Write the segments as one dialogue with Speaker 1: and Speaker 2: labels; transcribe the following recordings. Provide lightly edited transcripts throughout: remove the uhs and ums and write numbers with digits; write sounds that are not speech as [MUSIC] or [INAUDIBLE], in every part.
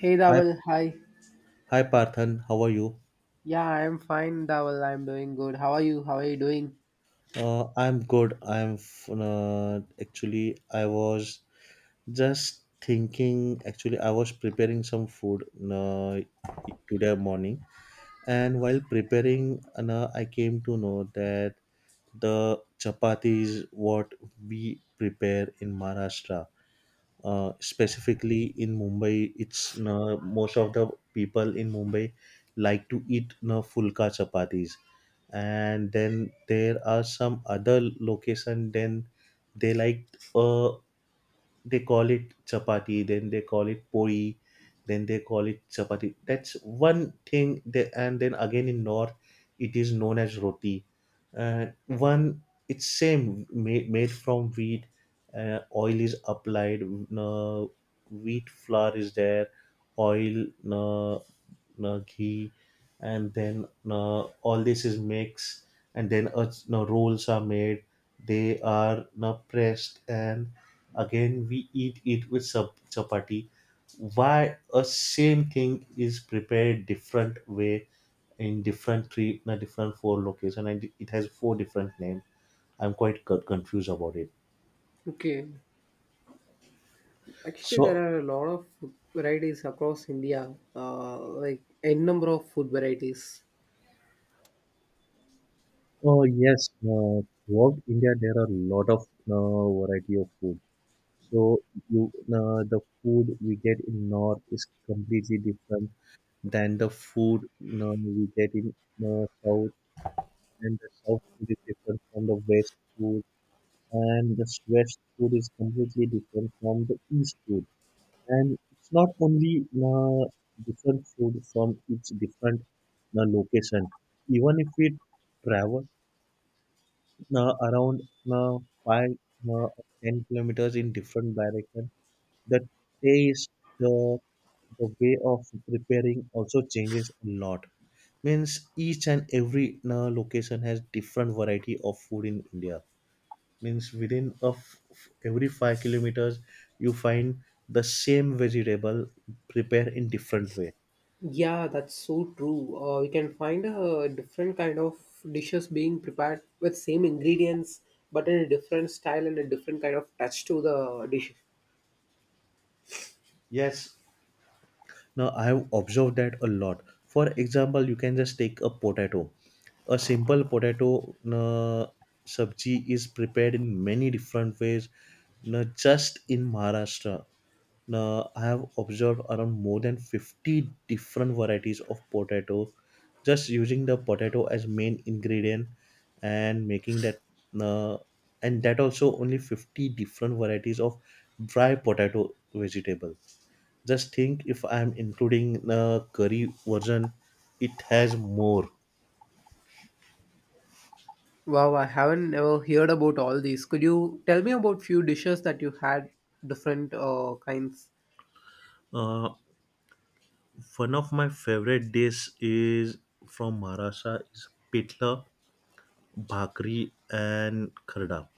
Speaker 1: Hey
Speaker 2: Hi,
Speaker 1: Dawal, hi.
Speaker 2: hi Parthan, how are you?
Speaker 1: Yeah, I'm fine, Dawal. I'm doing good. How are you? How are you doing?
Speaker 2: I'm good. Actually I was just thinking. Actually, I was preparing some food uh, today morning, and while preparing, I came to know that the chapatis what we prepare in Maharashtra, specifically in Mumbai, it's most of the people in Mumbai like to eat fulka chapatis, and then there are some other location, then they like uh they call it chapati, then they call it poi, then they call it chapati. That's one thing they, and then again in north it is known as roti. One It's same made, made from wheat. Oil is applied, uh, wheat flour is there, oil, uh, ghee, and then all this is mixed, and then no, rolls are made. They are now pressed, and again we eat it with chapati. Why a same thing is prepared different way in different three, na different four location, and it has four different name. I'm quite confused about it.
Speaker 1: Okay, actually, there
Speaker 2: So.
Speaker 1: are a lot of food varieties across India, like n number of food varieties.
Speaker 2: Oh yes, throughout India there are a lot of variety of food. So you, the food we get in north is completely different than the food we get in south, and the south food is different from the west food, and the west food is completely different from the east food. And it's not only different food from each different location. Even if we travel around uh, five uh, 10 kilometers in different direction, the taste, the the way of preparing also changes a lot. Means each and every location has different variety of food in India, means within of every 5 kilometers you find the same vegetable prepared in different way.
Speaker 1: Yeah, that's so true. We can find a different kind of dishes being prepared with same ingredients, but in a different style and a different kind of touch to the dish.
Speaker 2: Yes, now I have observed that a lot. For example, you can just take a potato, a simple potato. Sabji is prepared in many different ways. Now, just in Maharashtra, now, I have observed around more than 50 different varieties of potato, just using the potato as main ingredient and making that, uh, and that also only 50 different varieties of dry potato vegetable. Just think if I am including curry version, it has more.
Speaker 1: Wow, I haven't ever heard about all these. Could you tell me about few dishes that you had different kinds?
Speaker 2: Uh, One of my favorite dish is from Maharashtra is pitla, bhakri, and kharda.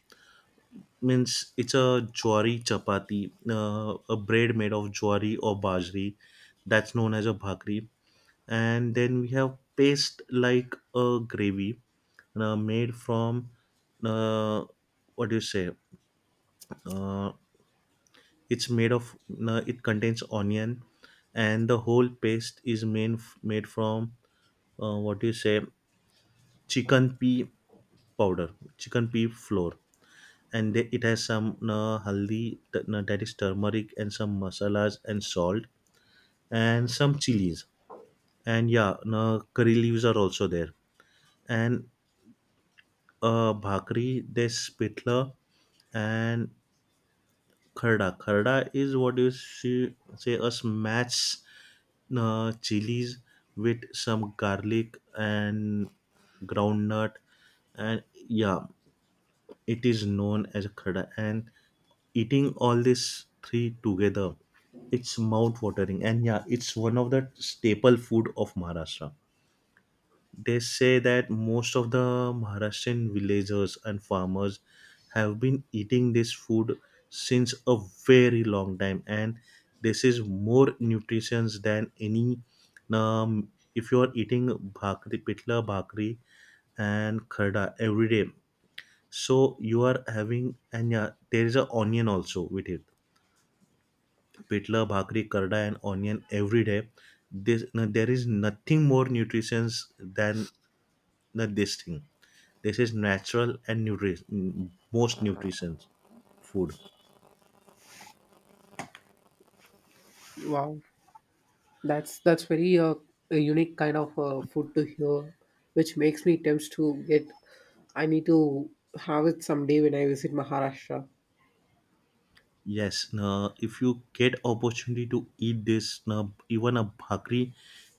Speaker 2: Means it's a jwari chapati, a bread made of jwari or bajri, that's known as a bhakri. And then we have paste like a gravy, made from uh, what do you say? Uh, it's made of it contains onion, and the whole paste is made, made from what do you say? Chicken pea powder, chicken pea flour, and they, it has some no, that is turmeric and some masalas and salt and some chilies and yeah, no, curry leaves are also there. And bhakri, there's pitla, and kharda. Kharda is what you see, say, a smash chilies with some garlic and groundnut, and yeah, it is known as khada. And eating all these three together, it's mouth watering, and yeah, it's one of the staple food of Maharashtra. They say that most of the Maharashtrian villagers and farmers have been eating this food since a very long time, and this is more nutritious than any. Um, if you are eating bhakri, pitla bhakri, and khada every day, so you are having, and yeah, there is a onion also with it. Pitla, bhakri, karda, and onion every day. This no, there is nothing more nutritious than no, this thing. This is natural and most nutritious food.
Speaker 1: Wow. That's very a unique kind of food to hear, which makes me tempted to get. I need to have it someday when I visit Maharashtra.
Speaker 2: Yes, no, if you get opportunity to eat this, no, even a bhakri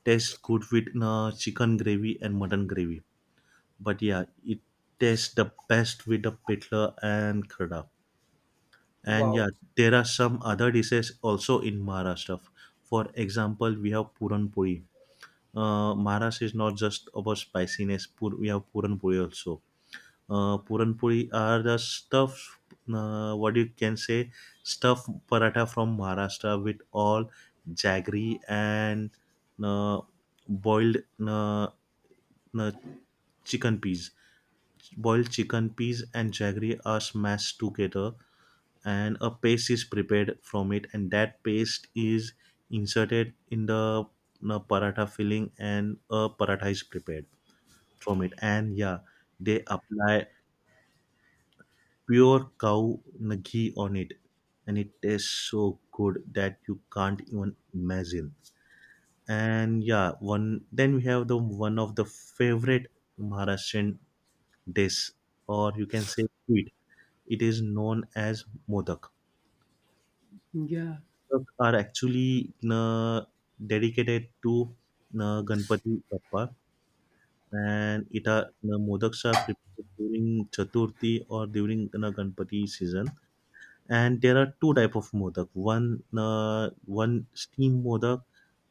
Speaker 2: tastes good with no, chicken gravy and mutton gravy. But yeah, it tastes the best with the pitla and karda. And yeah,
Speaker 1: Wow.
Speaker 2: there are some other dishes also in Maharashtra. For example, we have Puran Puri. Maharashtra is not just about spiciness. We have Puran Puri also. Puran Puri are the stuff. What you can say, stuffed paratha from Maharashtra with all jaggery and uh, boiled uh, uh, chicken peas. Boiled chicken peas and jaggery are smashed together, and a paste is prepared from it, and that paste is inserted in the you know, paratha filling, and a paratha is prepared from it. And yeah, they apply pure cow you know, ghee on it, and it tastes so good that you can't even imagine. And yeah, one, then we have the one of the favorite Maharashtrian dish, or you can say sweet, it is known as modak.
Speaker 1: Yeah.
Speaker 2: Puस्तak are actually dedicated to Ganpati Bappa, and it are modaks are prepared during Chaturthi or during Ganpati season. And there are two type of modak. One steam modak,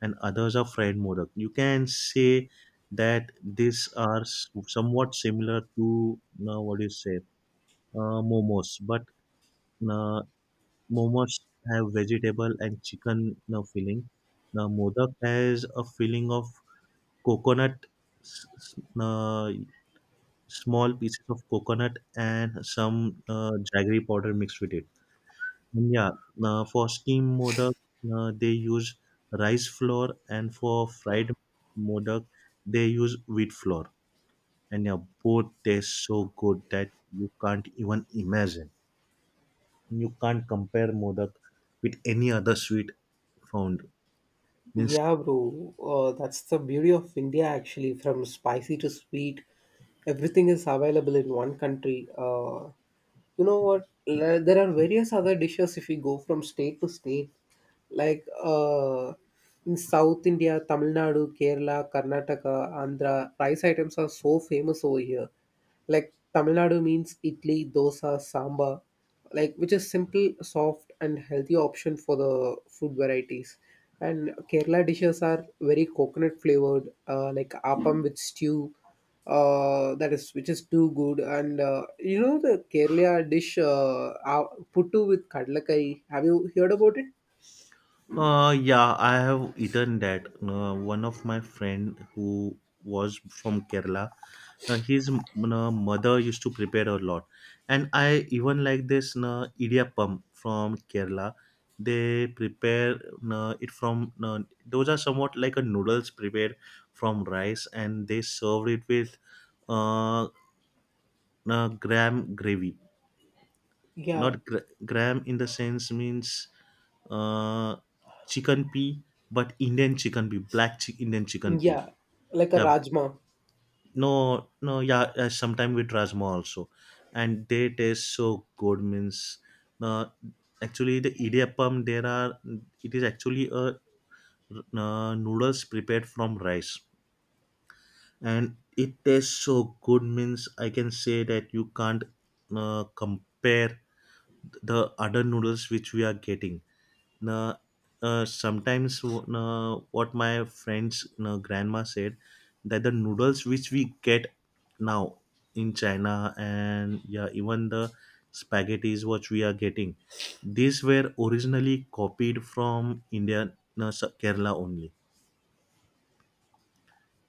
Speaker 2: and others are fried modak. You can say that these are somewhat similar to what do you say, momos, but uh, momos have vegetable and chicken filling. The modak has a filling of coconut, s- s- uh, small pieces of coconut and some jaggery powder mixed with it. And yeah, for steamed modak, they use rice flour, and for fried modak, they use wheat flour. And yeah, both taste so good that you can't even imagine. You can't compare modak with any other sweet found. Yes.
Speaker 1: Yeah, bro. That's the beauty of India, actually. From spicy to sweet, everything is available in one country. You know what? There are various other dishes if we go from state to state. Like in South India, Tamil Nadu, Kerala, Karnataka, Andhra, rice items are so famous over here. Like Tamil Nadu means idli, dosa, sambar, like which is simple, soft, and healthy option for the food varieties. And Kerala dishes are very coconut flavored, like appam with stew, that is which is too good. And you know the Kerala dish, puttu with kadlakai. Have you heard about it?
Speaker 2: Yeah, I have eaten that. One of my friend who was from Kerala, mother used to prepare a lot, and I even like this idiyappam from Kerala. They prepare it from those are somewhat like a noodles prepared from rice, and they served it with uh, gram gravy.
Speaker 1: Yeah,
Speaker 2: Not gra- Gram in the sense means uh, chicken pea, but Indian chicken pea, Indian chicken pea.
Speaker 1: yeah, like a
Speaker 2: Yeah,
Speaker 1: rajma.
Speaker 2: no, no, yeah. Sometimes with rasma also, and they taste so good. Means, uh, actually the idiyappam there are. It is actually a noodles prepared from rice, and it tastes so good. Means I can say that you can't compare the other noodles which we are getting now, sometimes now, what my friend's now, grandma said that the noodles which we get now in China, and yeah, even the spaghettis what we are getting, these were originally copied from India, now, Kerala only.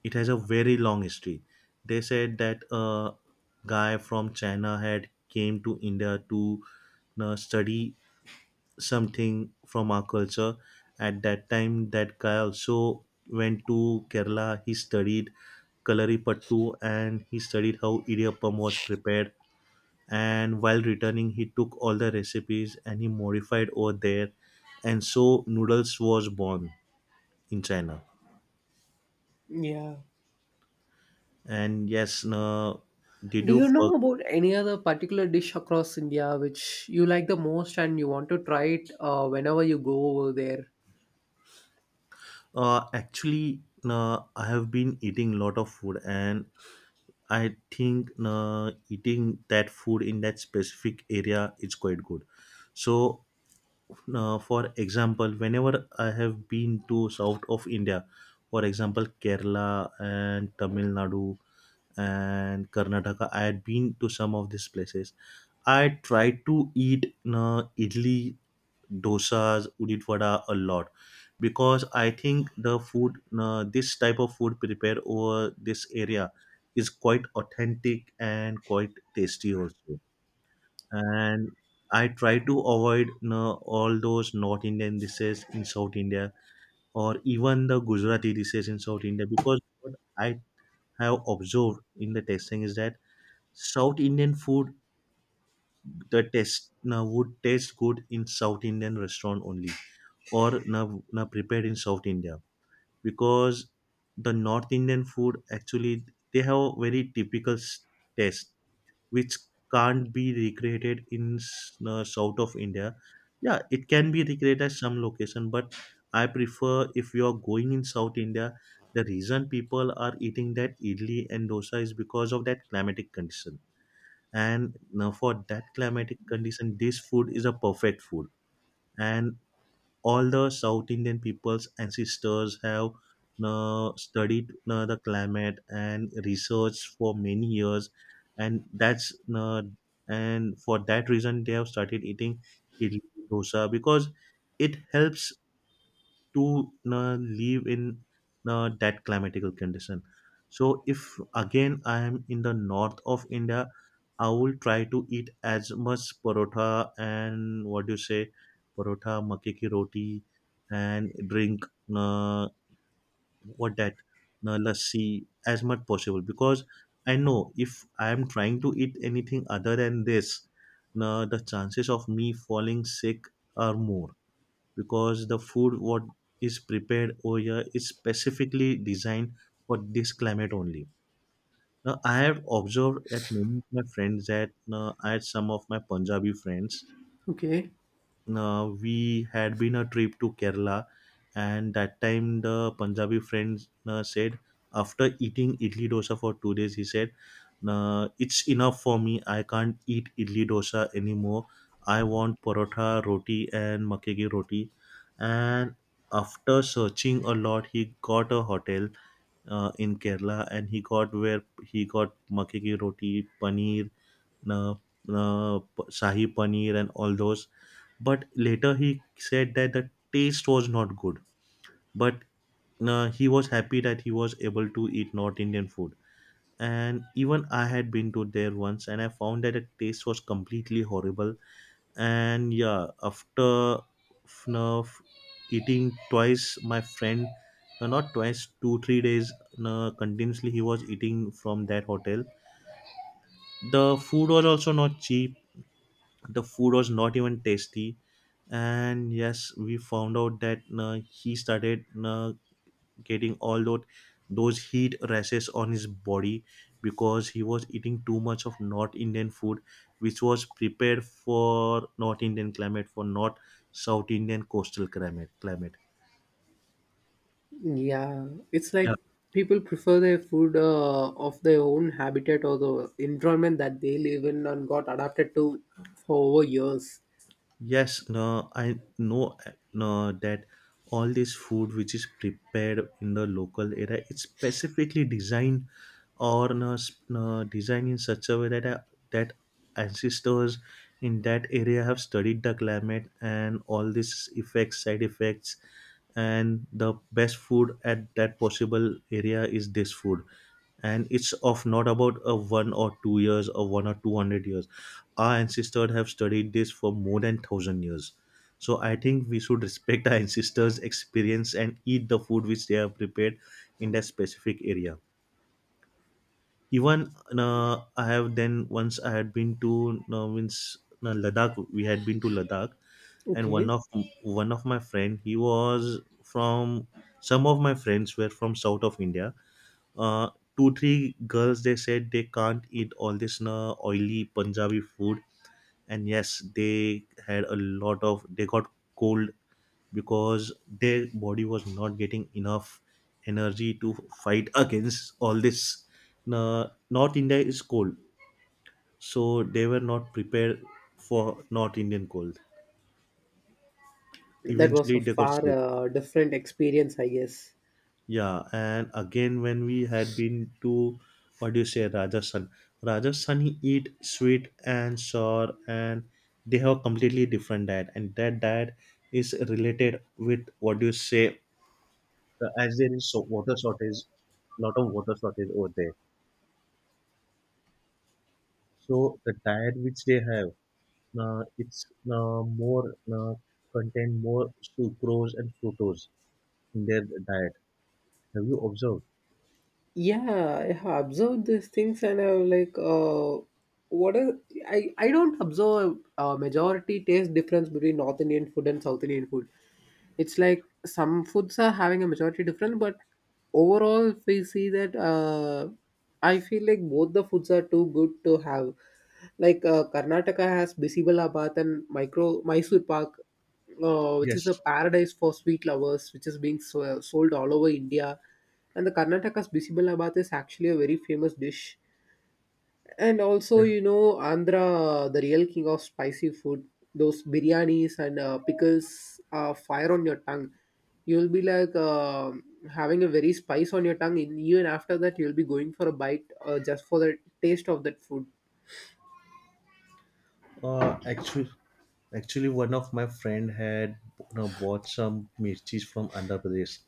Speaker 2: It has a very long history. They said that a guy from China had came to India to now, study something from our culture. At that time that guy also went to Kerala, he studied kalaripattu, and he studied how idiyappam was prepared, and while returning he took all the recipes and he modified over there, and so noodles was born in China.
Speaker 1: Yeah.
Speaker 2: And yes, uh, did
Speaker 1: Do
Speaker 2: you
Speaker 1: you
Speaker 2: for
Speaker 1: know about any other particular dish across India which you like the most and you want to try it whenever you go over there?
Speaker 2: actually, uh, I have been eating lot of food, and I think eating that food in that specific area is quite good. So, for example, whenever I have been to south of India, for example, Kerala and Tamil Nadu and Karnataka, I had been to some of these places. I tried to eat idli, dosas, udit vada a lot, because I think the food, this type of food prepared over this area, is quite authentic and quite tasty also. And I try to avoid you know, all those North Indian dishes in South India, or even the Gujarati dishes in South India, because what I have observed in the tasting is that South Indian food, the taste would taste good in South Indian restaurant only, or na, prepared in South India, because the North Indian food actually, they have a very typical taste which can't be recreated in south of India. Yeah, it can be recreated at some location, but I prefer if you are going in South India, the reason people are eating that idli and dosa is because of that climatic condition, and now for that climatic condition this food is a perfect food. And all the South Indian people's ancestors have studied the climate and research for many years, and that's and for that reason they have started eating idli dosa because it helps to live in that climatical condition. So if again I am in the north of India, I will try to eat as much parotha, and what do you say, parotha makke ki roti, and drink uh, what that lassi as much possible, because I know if I am trying to eat anything other than this, the chances of me falling sick are more, because the food what is prepared over here is specifically designed for this climate only. Now, I have observed at many of my friends that I had some of my Punjabi friends
Speaker 1: Okay.
Speaker 2: we had been a trip to Kerala, and that time the Punjabi friends said, after eating idli dosa for 2 days, he said, "Nah, It's enough for me. I can't eat idli dosa anymore. I want paratha roti and makke ki roti." And after searching a lot, he got a hotel in Kerala, and he got where he got makke ki roti, paneer, uh, shahi paneer, and all those. But later he said that the taste was not good, but he was happy that he was able to eat North Indian food. And even I had been to there once, and I found that the taste was completely horrible. And yeah, after f- no, f- eating twice, my friend, no, not twice, 2-3 days, no, continuously he was eating from that hotel. The food was also not cheap, the food was not even tasty. And yes, we found out that he started getting all those heat rashes on his body, because he was eating too much of North Indian food, which was prepared for North Indian climate, for not South Indian coastal climate.
Speaker 1: Yeah. It's
Speaker 2: Yeah
Speaker 1: like people prefer their food of their own habitat or the environment that they live in and got adapted to for over years.
Speaker 2: Yes, no, I know, no, that all this food which is prepared in the local area, it's specifically designed, or no, s- no, designed in such a way that that ancestors in that area have studied the climate and all these effects, side effects, and the best food at that possible area is this food. And it's of not about a 1 or 2 years or one or two hundred years. Our ancestors have studied this for more than thousand years. So I think we should respect our ancestors experience and eat the food which they have prepared in that specific area. Even I have then once I had been to means Ladakh. We had been to Ladakh. And one
Speaker 1: Okay.
Speaker 2: of, one of my friend he was from, some of my friends were from South of India. uh, two three girls, they said they can't eat all this na oily Punjabi food. And yes, they had a lot of, they got cold, because their body was not getting enough energy to fight against all this na. North India is cold, so they were not prepared for North Indian cold.
Speaker 1: That was a
Speaker 2: Eventually they got
Speaker 1: far
Speaker 2: sick.
Speaker 1: different experience, I guess.
Speaker 2: Yeah, and again when we had been to, what do you say, Rajasthan? Rajasthani eat sweet and sour, and they have a completely different diet, and that diet is related with, what do you say, as there is so water shortage, lot of water shortage over there. So the diet which they have, it's more contain more sucrose and fructose in their diet. Have you observed?
Speaker 1: Yeah, I have observed these things and I was like, what is I don't observe a majority taste difference between north indian food and south indian food. It's like some foods are having a majority difference, but overall, if we see that, I feel like both the foods are too good to have, like karnataka has bisibalabad and micro mysore pak, which is a
Speaker 2: Yes.
Speaker 1: paradise for sweet lovers, which is being sold all over India. And the Karnataka's Bisibalabhat is actually a very famous dish. And also, Andhra, the real king of spicy food, those biryanis and pickles are fire on your tongue. You'll be like having a very spice on your tongue, and even after that, you'll be going for a bite just for the taste of that food.
Speaker 2: Actually, actually, one of my friend had you know, bought some mirchis from Andhra Pradesh.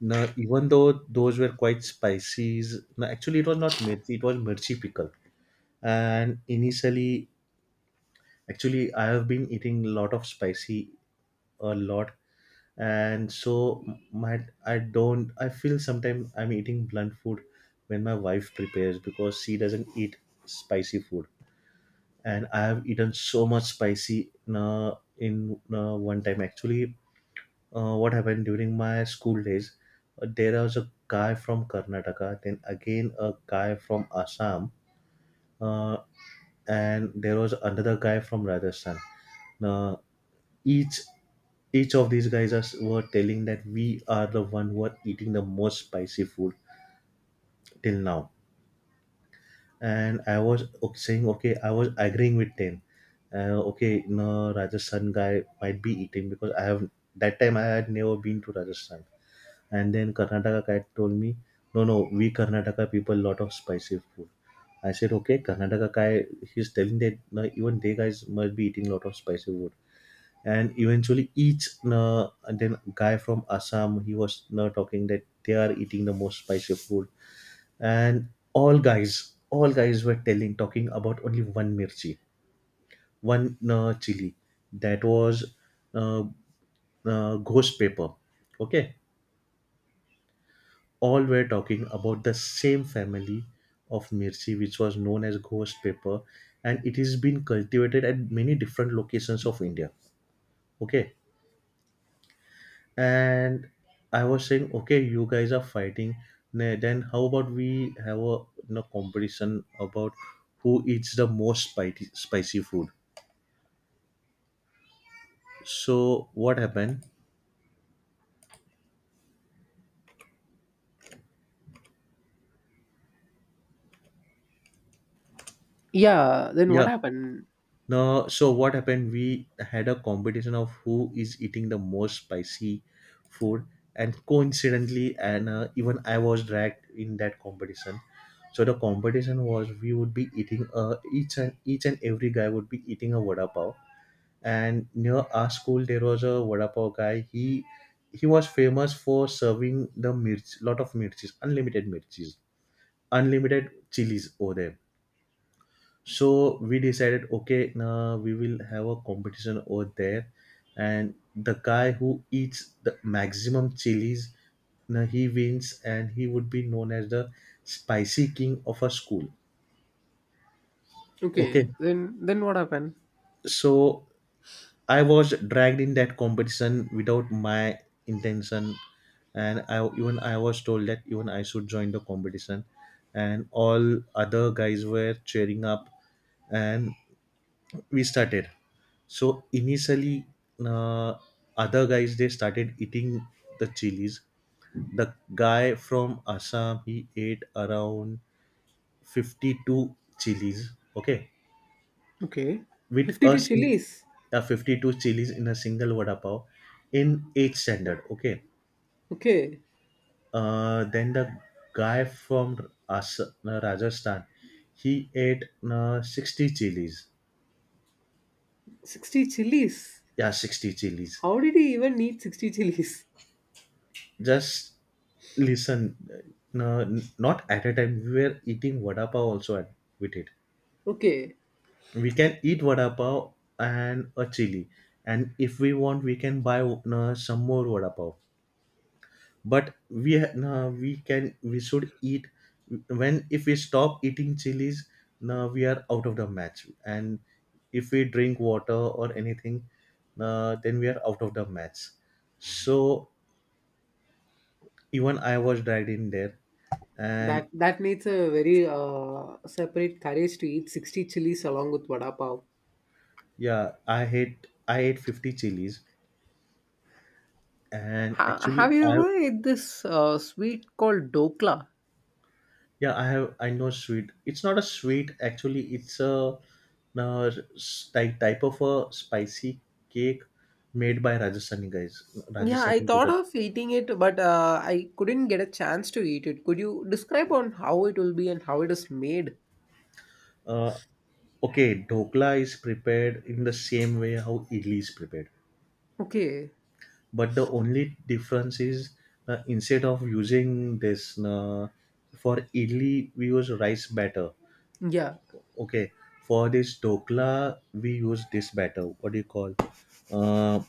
Speaker 2: Now, even though those were quite spicy, no, actually it was not mirchi; it was mirchi pickle. And initially, actually, I have been eating a lot of spicy, a lot, and so my, I don't. I feel sometimes I'm eating blunt food when my wife prepares because she doesn't eat spicy food. And I have eaten so much spicy in, one time. Actually, what happened during my school days, there was a guy from Karnataka, then again a guy from Assam, uh, and there was another guy from Rajasthan. Uh, each each of these guys are, were telling that we are the one who are eating the most spicy food till now. And I was saying, okay, I was agreeing with ten. Okay, no, Rajasthan guy might be eating, because I have, that time I had never been to Rajasthan. And then Karnataka guy told me, no, no, we Karnataka people lot of spicy food. I said, okay, Karnataka guy, he's telling that no, even they guys must be eating lot of spicy food. And eventually, each, no, and then guy from Assam, he was no, talking that they are eating the most spicy food. And all guys were telling, talking about only one mirchi, one chili. That was uh, ghost pepper. Okay, all were talking about the same family of mirchi which was known as ghost pepper. And it has been cultivated at many different locations of India. Okay. And I was saying, okay, you guys are fighting. Then how about we have a you know, competition about who eats the most spicy food? So what happened?
Speaker 1: Yeah, then what
Speaker 2: Yeah.
Speaker 1: happened?
Speaker 2: No. So what happened? We had a competition of who is eating the most spicy food, and coincidentally, and even I was dragged in that competition. So the competition was we would be eating each and every guy would be eating a vada pav. And near our school there was a vada pav guy. He was famous for serving the mirch, lot of mirchis, unlimited chilies over there. So we decided, okay, now we will have a competition over there, and the guy who eats the maximum chilies, now he wins, and he would be known as the spicy king of a school. Okay,
Speaker 1: Okay, then what happened?
Speaker 2: so I was dragged in that competition without my intention, and I, even I was told that even I should join the competition, and all other guys were cheering up, and we started. So initially, uh, other guys they started eating the chilies. The guy from Assam he ate around 52 chilies. Okay,
Speaker 1: Okay.
Speaker 2: with a,
Speaker 1: 52
Speaker 2: sing-
Speaker 1: chilies.
Speaker 2: a 52 chilies in a single vada pav in eighth standard. Okay,
Speaker 1: Okay.
Speaker 2: then the guy from Rajasthan he ate 60 chilies.
Speaker 1: 60 chilies.
Speaker 2: Yeah, 60 chilies.
Speaker 1: How did he even need 60 chilies? [LAUGHS]
Speaker 2: Just listen, no, not at a time. We were eating vada pav also with it.
Speaker 1: Okay.
Speaker 2: We can eat vada pav and a chili, and if we want we can buy some more vada pav. But we nah, we can, we should eat when, if we stop eating chilies, nah, we are out of the match. And if we drink water or anything, nah, then we are out of the match. So even I was dragged in there.
Speaker 1: That
Speaker 2: And
Speaker 1: that needs a very separate courage to eat 60 chilies along with vada pav.
Speaker 2: yeah, I ate 50 chilies. And
Speaker 1: Have
Speaker 2: actually
Speaker 1: you
Speaker 2: I,
Speaker 1: ever ate this sweet called dokla?
Speaker 2: yeah, I have. I know sweet. It's not a sweet actually. It's a type of a spicy cake made by Rajasthani guys.
Speaker 1: Yeah, I
Speaker 2: Rajasthani
Speaker 1: thought
Speaker 2: Gujarat.
Speaker 1: of eating it, but I couldn't get a chance to eat it. Could you describe on how it will be and how it is made?
Speaker 2: Uh, okay, dhokla is prepared in the same way how idli is prepared,
Speaker 1: Okay.
Speaker 2: but the only difference is instead of using this for idli we use rice batter.
Speaker 1: Yeah.
Speaker 2: Okay, for this dhokla we use this batter. What do you call? Uh,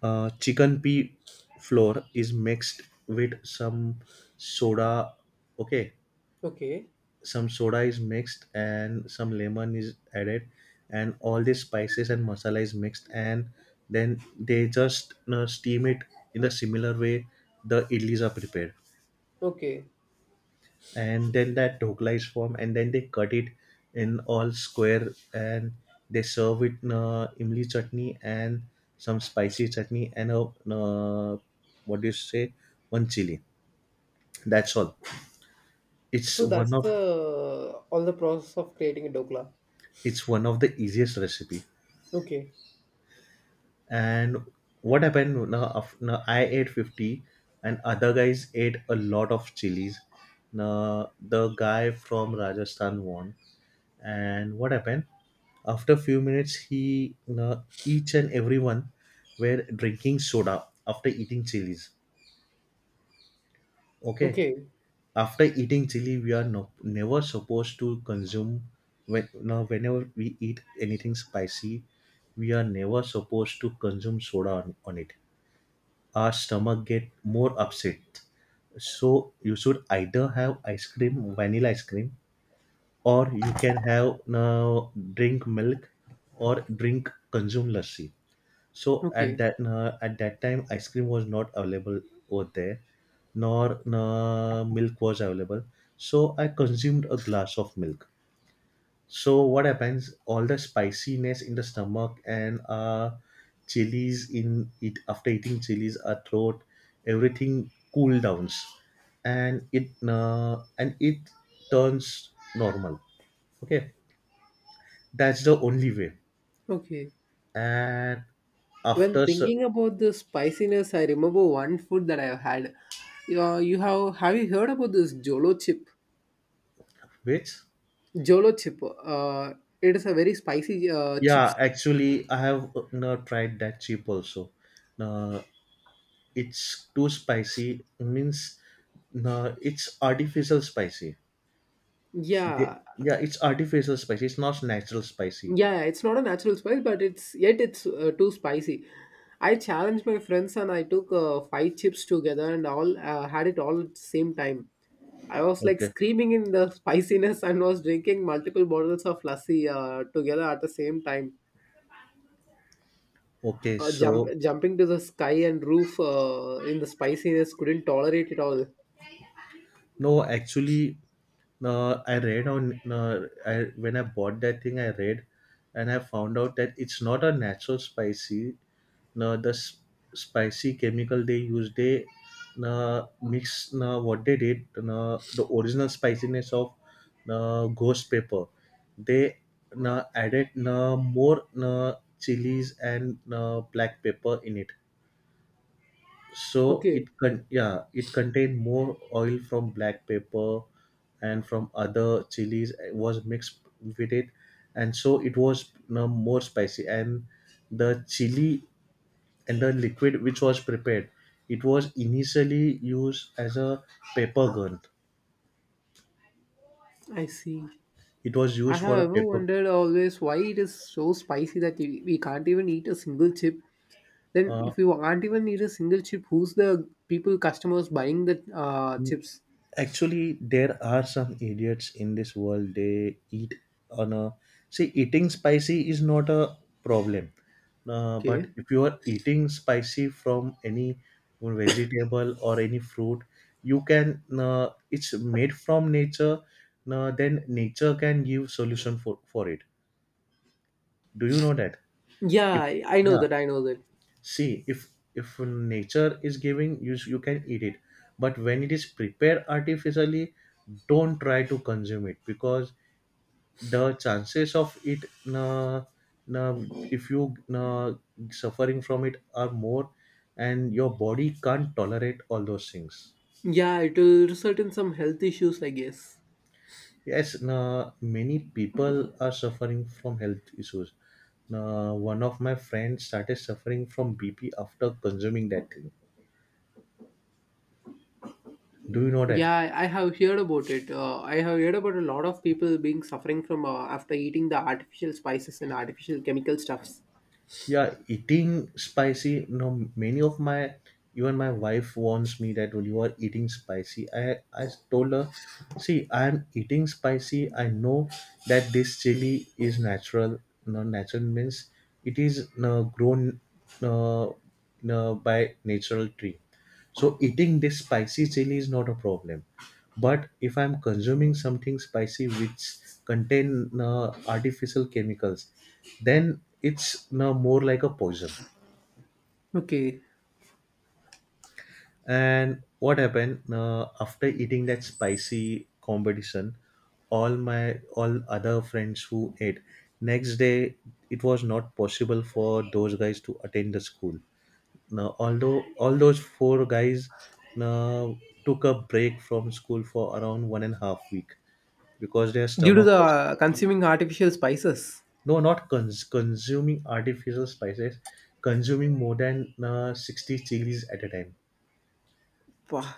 Speaker 2: Chicken pea flour is mixed with some soda. Okay,
Speaker 1: Okay.
Speaker 2: some soda is mixed and some lemon is added, and all the spices and masala is mixed, and then they just steam it in the similar way the idlis are prepared.
Speaker 1: Okay.
Speaker 2: And then that dhokla is formed and then they cut it in all square and they serve it imli chutney and some spicy chutney and a what do you say one chili. That's all. it's
Speaker 1: So
Speaker 2: one
Speaker 1: that's
Speaker 2: of
Speaker 1: the all the process of creating a dokla.
Speaker 2: it's one of the easiest recipe.
Speaker 1: Okay,
Speaker 2: And what happened now? Now I ate 50, and other guys ate a lot of chilies. Now the guy from Rajasthan won. And what happened? After a few minutes, he, now each and everyone were drinking soda after eating chilies. Okay,
Speaker 1: okay,
Speaker 2: after eating chili, we are, no, never supposed to consume when, now whenever we eat anything spicy, we are never supposed to consume soda on it. Our stomach get more upset. So you should either have ice cream, vanilla ice cream, or you can have, now drink milk, or drink, consume lassi. So
Speaker 1: okay,
Speaker 2: at that time, ice cream was not available over there, nor milk was available. So I consumed a glass of milk. So what happens? All the spiciness in the stomach and chilies in it, after eating chilies, our throat, everything cool downs, and it turns normal. Okay, that's the only way.
Speaker 1: okay.
Speaker 2: And
Speaker 1: When
Speaker 2: after
Speaker 1: thinking about the spiciness, I remember one food that I have had. You, you have you heard about this jolo chip?
Speaker 2: which,
Speaker 1: Jolo chip. It is a very spicy chips.
Speaker 2: yeah, actually, I have no, tried that chip also. No, it's too spicy. Means no, it's artificial spicy. They,
Speaker 1: Yeah,
Speaker 2: yeah, it's artificial spicy. It's not natural spicy.
Speaker 1: yeah, it's not a natural spice, but it's yet it's too spicy. I challenged my friends and I took five chips together and all had it all at the same time. I was like
Speaker 2: Okay.
Speaker 1: screaming in the [LAUGHS] spiciness and was drinking multiple bottles of lassi together at the same time.
Speaker 2: Okay.
Speaker 1: Uh, jump,
Speaker 2: So,
Speaker 1: jumping to the sky and roof, in the spiciness, couldn't tolerate it all.
Speaker 2: no, actually, I read on I, when I bought that thing, I read and I found out that it's not a natural spicy. No, the spicy chemical they use, they mix, what they did, the original spiciness of ghost pepper. They added more chilies and black pepper in it, so it
Speaker 1: Okay,
Speaker 2: yeah it contained more oil from black pepper and from other chilies it was mixed with it. And so it was you know, more spicy, and the chili and the liquid which was prepared, it was initially used as a paper gun.
Speaker 1: I see.
Speaker 2: It was
Speaker 1: I
Speaker 2: used
Speaker 1: have
Speaker 2: for a
Speaker 1: ever
Speaker 2: paper.
Speaker 1: wondered always why it is so spicy that we can't even eat a single chip. Then
Speaker 2: uh,
Speaker 1: if you aren't even need a single chip, who's the people customers buying the chips?
Speaker 2: actually, there are some idiots in this world they eat on a, see, eating spicy is not a problem. But
Speaker 1: Okay.
Speaker 2: if you are eating spicy from any vegetable or any fruit, you can, it's made from nature. Then nature can give solution for it. Do you know that?
Speaker 1: Yeah,
Speaker 2: If,
Speaker 1: I know
Speaker 2: yeah,
Speaker 1: that. I know that.
Speaker 2: see if nature is giving you, you can eat it. But when it is prepared artificially, don't try to consume it, because the chances of it uh, uh, if you suffering from it are more, and your body can't tolerate all those things.
Speaker 1: Yeah, it will result in some health issues, I guess.
Speaker 2: Yes, many people are suffering from health issues. One of my friends started suffering from BP after consuming that thing. Do you know that?
Speaker 1: Yeah, I have heard about it. I have heard about a lot of people being suffering from after eating the artificial spices and artificial chemical stuffs.
Speaker 2: Yeah, eating spicy, no, many of my, even my wife warns me that, "Well, you are eating spicy." I told her, see, I am eating spicy. I know that this chili is natural. No, natural means it is, no, grown, no, no, by natural tree. So eating this spicy chili is not a problem. But if I'm consuming something spicy which contain artificial chemicals, then it's more like a poison.
Speaker 1: Okay,
Speaker 2: And what happened after eating that spicy competition? All my, all other friends who ate, next day, it was not possible for those guys to attend the school. Now, although all those four guys now took a break from school for around 1.5 week, because their
Speaker 1: due to
Speaker 2: stomach
Speaker 1: the
Speaker 2: was,
Speaker 1: consuming artificial spices.
Speaker 2: no, not consuming artificial spices, consuming more than 60 chilies at a time.
Speaker 1: Wow,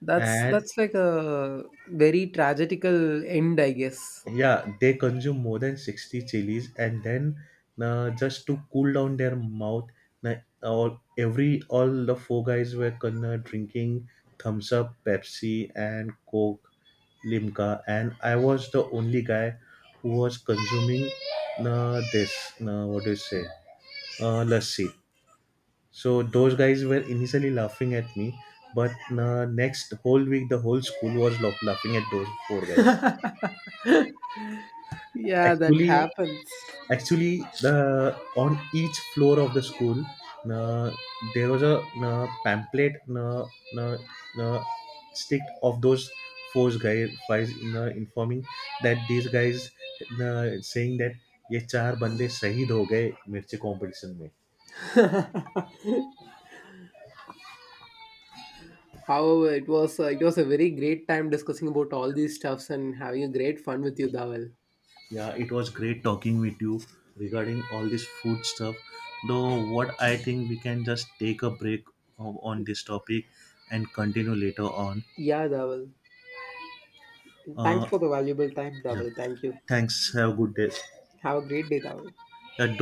Speaker 1: that's
Speaker 2: And
Speaker 1: that's like a very tragical end, I guess.
Speaker 2: yeah, they consume more than 60 chilies, and then just to cool down their mouth, uh, all the four guys were gonna drinking thumbs up, Pepsi, and Coke, Limca, and I was the only guy who was consuming this. What do you say? Lassi. So those guys were initially laughing at me, but next whole week the whole school was laughing at those four guys.
Speaker 1: Yeah, that
Speaker 2: Actually,
Speaker 1: happens.
Speaker 2: actually, the on each floor of the school, uh, there was a pamphlet uh, uh, stick of those four guys, informing that these guys saying that ये चार बंदे शहीद हो गए मिर्ची competition में
Speaker 1: However, it was a very great time discussing about all these stuffs and having a great fun with you, Dawal.
Speaker 2: Yeah it was great talking with you regarding all this food stuff though what I think we can just take a break on this topic and continue later on.
Speaker 1: Yeah, Dawal. Thanks for the valuable time, Dawal. Thank you.
Speaker 2: Thanks. Have a good day.
Speaker 1: Have a great day, Dawal.
Speaker 2: Uh,